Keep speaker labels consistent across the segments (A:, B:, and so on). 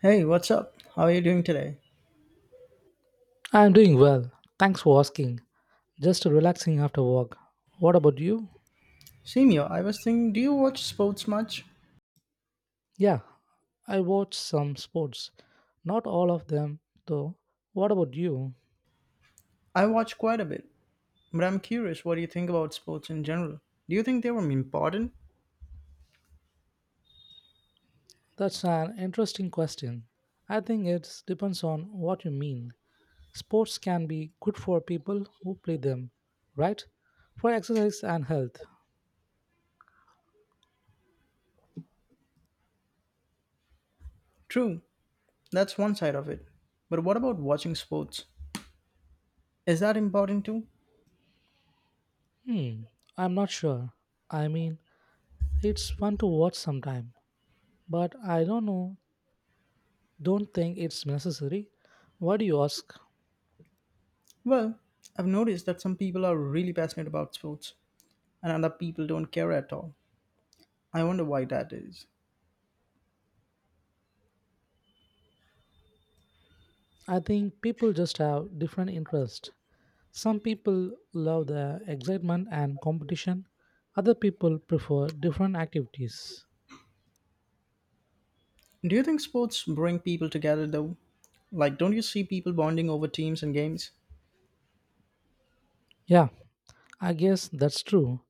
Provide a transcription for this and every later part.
A: Hey, what's up? How are you doing today?
B: I'm doing well. Thanks for asking. Just relaxing after work. What about you?
A: Simio, I was thinking, do you watch sports much?
B: Yeah, I watch some sports. Not all of them, though. What about you?
A: I watch quite a bit, but I'm curious what do you think about sports in general? Do you think they were important?
B: That's an interesting question. I think it depends on what you mean. Sports can be good for people who play them, right? For exercise and health.
A: True, that's one side of it. But what about watching sports? Is that important too?
B: Hmm, I'm not sure. I mean, it's fun to watch sometime, but I don't know. Don't think it's necessary. Why do you ask?
A: Well, I've noticed that some people are really passionate about sports, and other people don't care at all. I wonder why that is.
B: I think people just have different interests. Some people love the excitement and competition, other people prefer different activities.
A: Do you think sports bring people together though? Like, don't you see people bonding over teams and games?
B: Yeah, I guess that's true.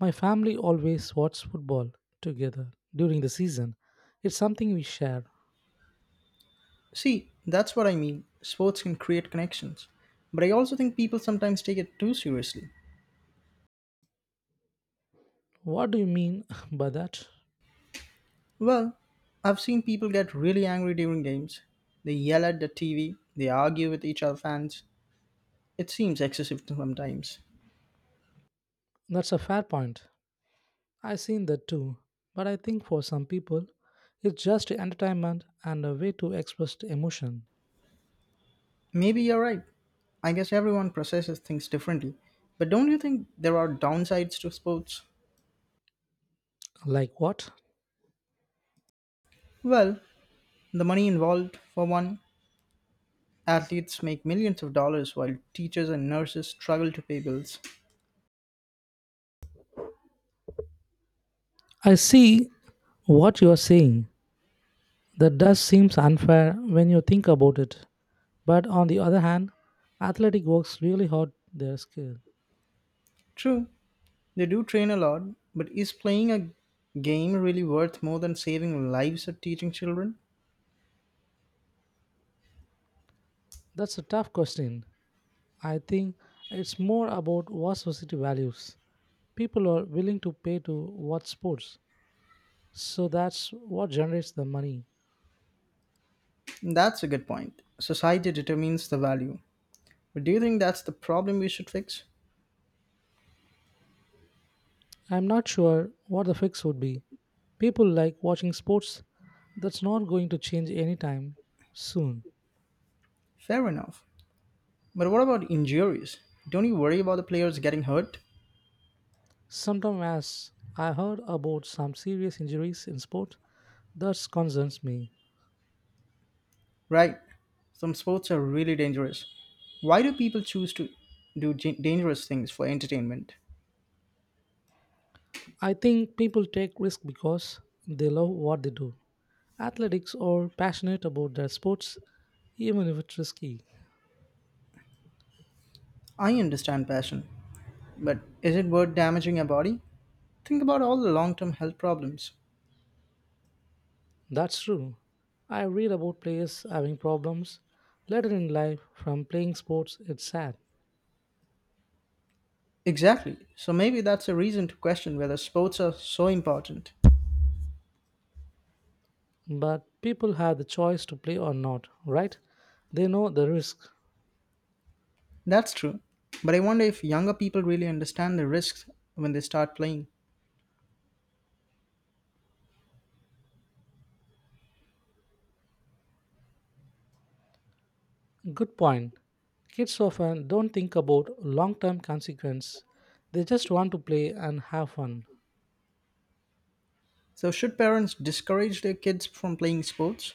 B: My family always watch football together during the season. It's something we share.
A: See, that's what I mean. Sports can create connections. But I also think people sometimes take it too seriously.
B: What do you mean by that?
A: Well, I've seen people get really angry during games. They yell at the TV, they argue with each other fans. It seems excessive sometimes.
B: That's a fair point. I've seen that too. But I think for some people, it's just entertainment and a way to express emotion.
A: Maybe you're right. I guess everyone processes things differently. But don't you think there are downsides to sports?
B: Like what?
A: Well, the money involved, for one. Athletes make millions of dollars while teachers and nurses struggle to pay bills.
B: I see what you are saying. That does seems unfair when you think about it. But on the other hand, athletic works really hard their skill.
A: True, they do train a lot, but is playing a game really worth more than saving lives or teaching children?
B: That's a tough question. I think it's more about what society values. People are willing to pay to watch sports. So that's what generates the money.
A: That's a good point. Society determines the value. But do you think that's the problem we should fix?
B: I'm not sure what the fix would be. People like watching sports. That's not going to change anytime soon.
A: Fair enough. But what about injuries? Don't you worry about the players getting hurt?
B: Sometimes as I heard about some serious injuries in sport, that concerns me.
A: Right. Some sports are really dangerous. Why do people choose to do dangerous things for entertainment?
B: I think people take risks because they love what they do. Athletics are passionate about their sports, even if it's risky.
A: I understand passion, but is it worth damaging your body? Think about all the long term health problems.
B: That's true. I read about players having problems later in life from playing sports. It's sad.
A: Exactly. So maybe that's a reason to question whether sports are so important.
B: But people have the choice to play or not, right? They know the risk.
A: That's true. But I wonder if younger people really understand the risks when they start playing.
B: Good point. Kids often don't think about long term consequence. They just want to play and have fun.
A: So should parents discourage their kids from playing sports?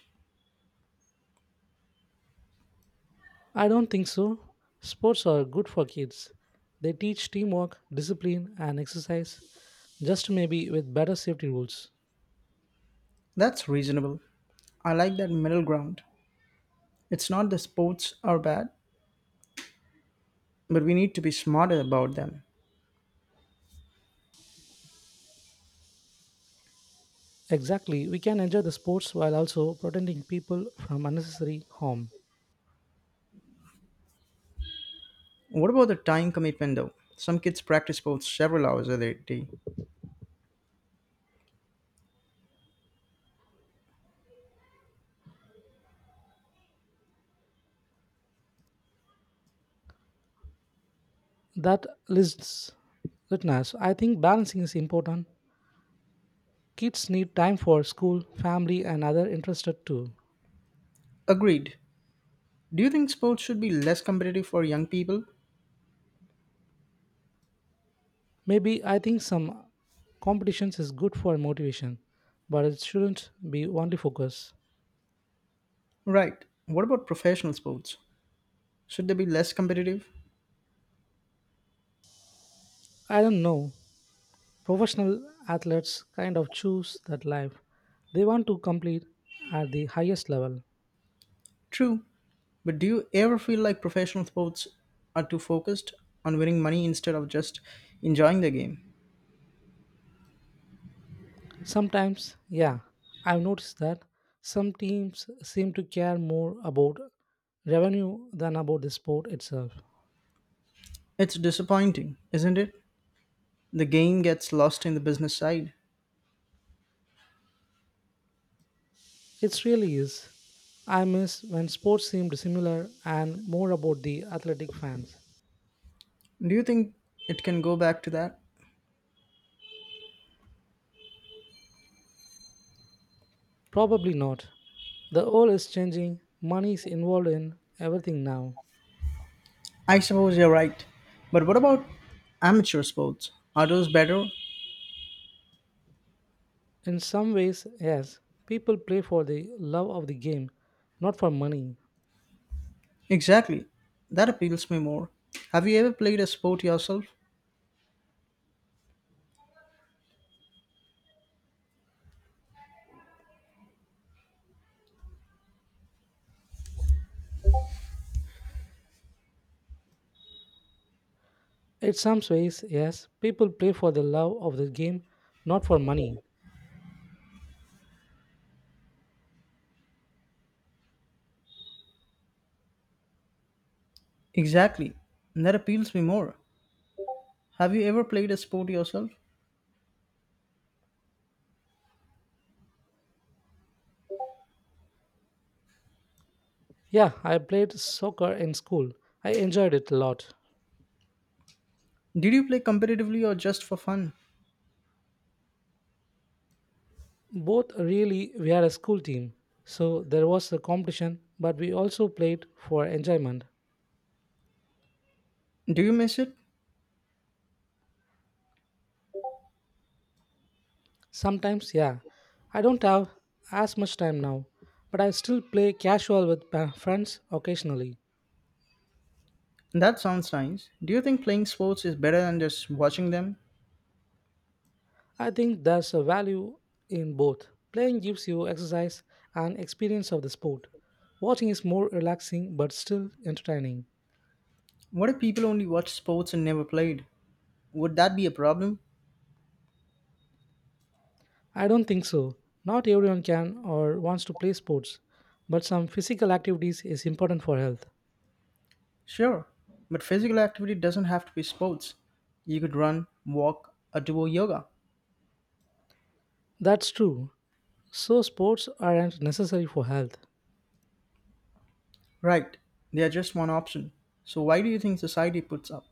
B: I don't think so. Sports are good for kids. They teach teamwork, discipline, and exercise, just maybe with better safety rules.
A: That's reasonable. I like that middle ground. It's not the sports are bad, but we need to be smarter about them.
B: Exactly, we can enjoy the sports while also protecting people from unnecessary harm.
A: What about the time commitment though? Some kids practice sports several hours a day.
B: That lists listeners. I think balancing is important. Kids need time for school, family, and other interested too.
A: Agreed. Do you think sports should be less competitive for young people?
B: Maybe I think some competitions is good for motivation, but it shouldn't be only focus.
A: Right. What about professional sports? Should they be less competitive?
B: I don't know. Professional athletes kind of choose that life. They want to compete at the highest level.
A: True. But do you ever feel like professional sports are too focused on winning money instead of just enjoying the game?
B: Sometimes, yeah, I've noticed that some teams seem to care more about revenue than about the sport itself.
A: It's disappointing, isn't it? The game gets lost in the business side.
B: It really is. I miss when sports seemed similar and more about the athletic fans.
A: Do you think it can go back to that?
B: Probably not. The world is changing, money is involved in everything now.
A: I suppose you're right. But what about amateur sports? Are those better?
B: In some ways, yes, people play for the love of the game, not for money.
A: Exactly. That appeals me more. Have you ever played a sport yourself?
B: In some ways, yes, people play for the love of the game, not for money.
A: Exactly. That appeals me more. Have you ever played a sport yourself?
B: Yeah, I played soccer in school. I enjoyed it a lot.
A: Did you play competitively or just for fun?
B: Both really, we are a school team. So there was a competition, but we also played for enjoyment.
A: Do you miss it?
B: Sometimes, yeah. I don't have as much time now, but I still play casual with friends occasionally.
A: That sounds nice. Do you think playing sports is better than just watching them?
B: I think there's a value in both. Playing gives you exercise and experience of the sport. Watching is more relaxing but still entertaining.
A: What if people only watch sports and never played? Would that be a problem?
B: I don't think so. Not everyone can or wants to play sports, but some physical activities is important for health.
A: Sure, but physical activity doesn't have to be sports. You could run, walk, or do yoga.
B: That's true. So sports aren't necessary for health.
A: Right, they are just one option. So why do you think society puts up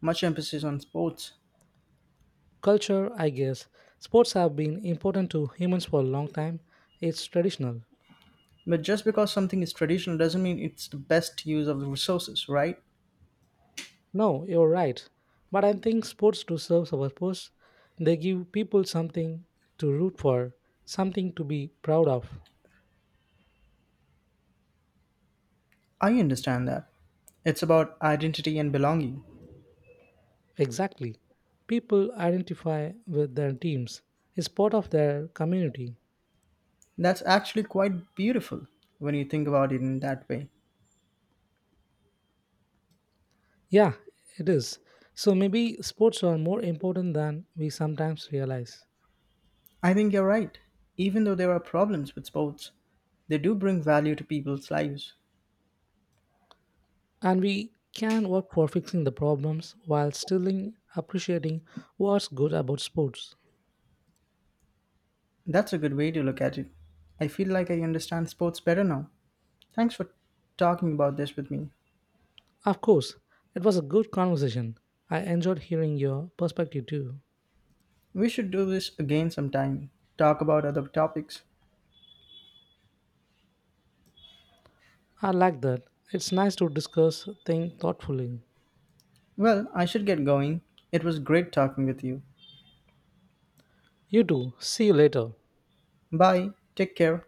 A: much emphasis on sports?
B: Culture, I guess. Sports have been important to humans for a long time. It's traditional.
A: But just because something is traditional doesn't mean it's the best use of the resources, right?
B: No, you're right. But I think sports do serve a purpose. They give people something to root for, something to be proud of.
A: I understand that. It's about identity and belonging.
B: Exactly. People identify with their teams. It's part of their community.
A: That's actually quite beautiful when you think about it in that way.
B: Yeah, it is. So maybe sports are more important than we sometimes realize.
A: I think you're right. Even though there are problems with sports, they do bring value to people's lives.
B: And we can work for fixing the problems while still appreciating what's good about sports.
A: That's a good way to look at it. I feel like I understand sports better now. Thanks for talking about this with me.
B: Of course, it was a good conversation. I enjoyed hearing your perspective too.
A: We should do this again sometime. Talk about other topics.
B: I like that. It's nice to discuss things thoughtfully.
A: Well, I should get going. It was great talking with you.
B: You too. See you later.
A: Bye. Take care.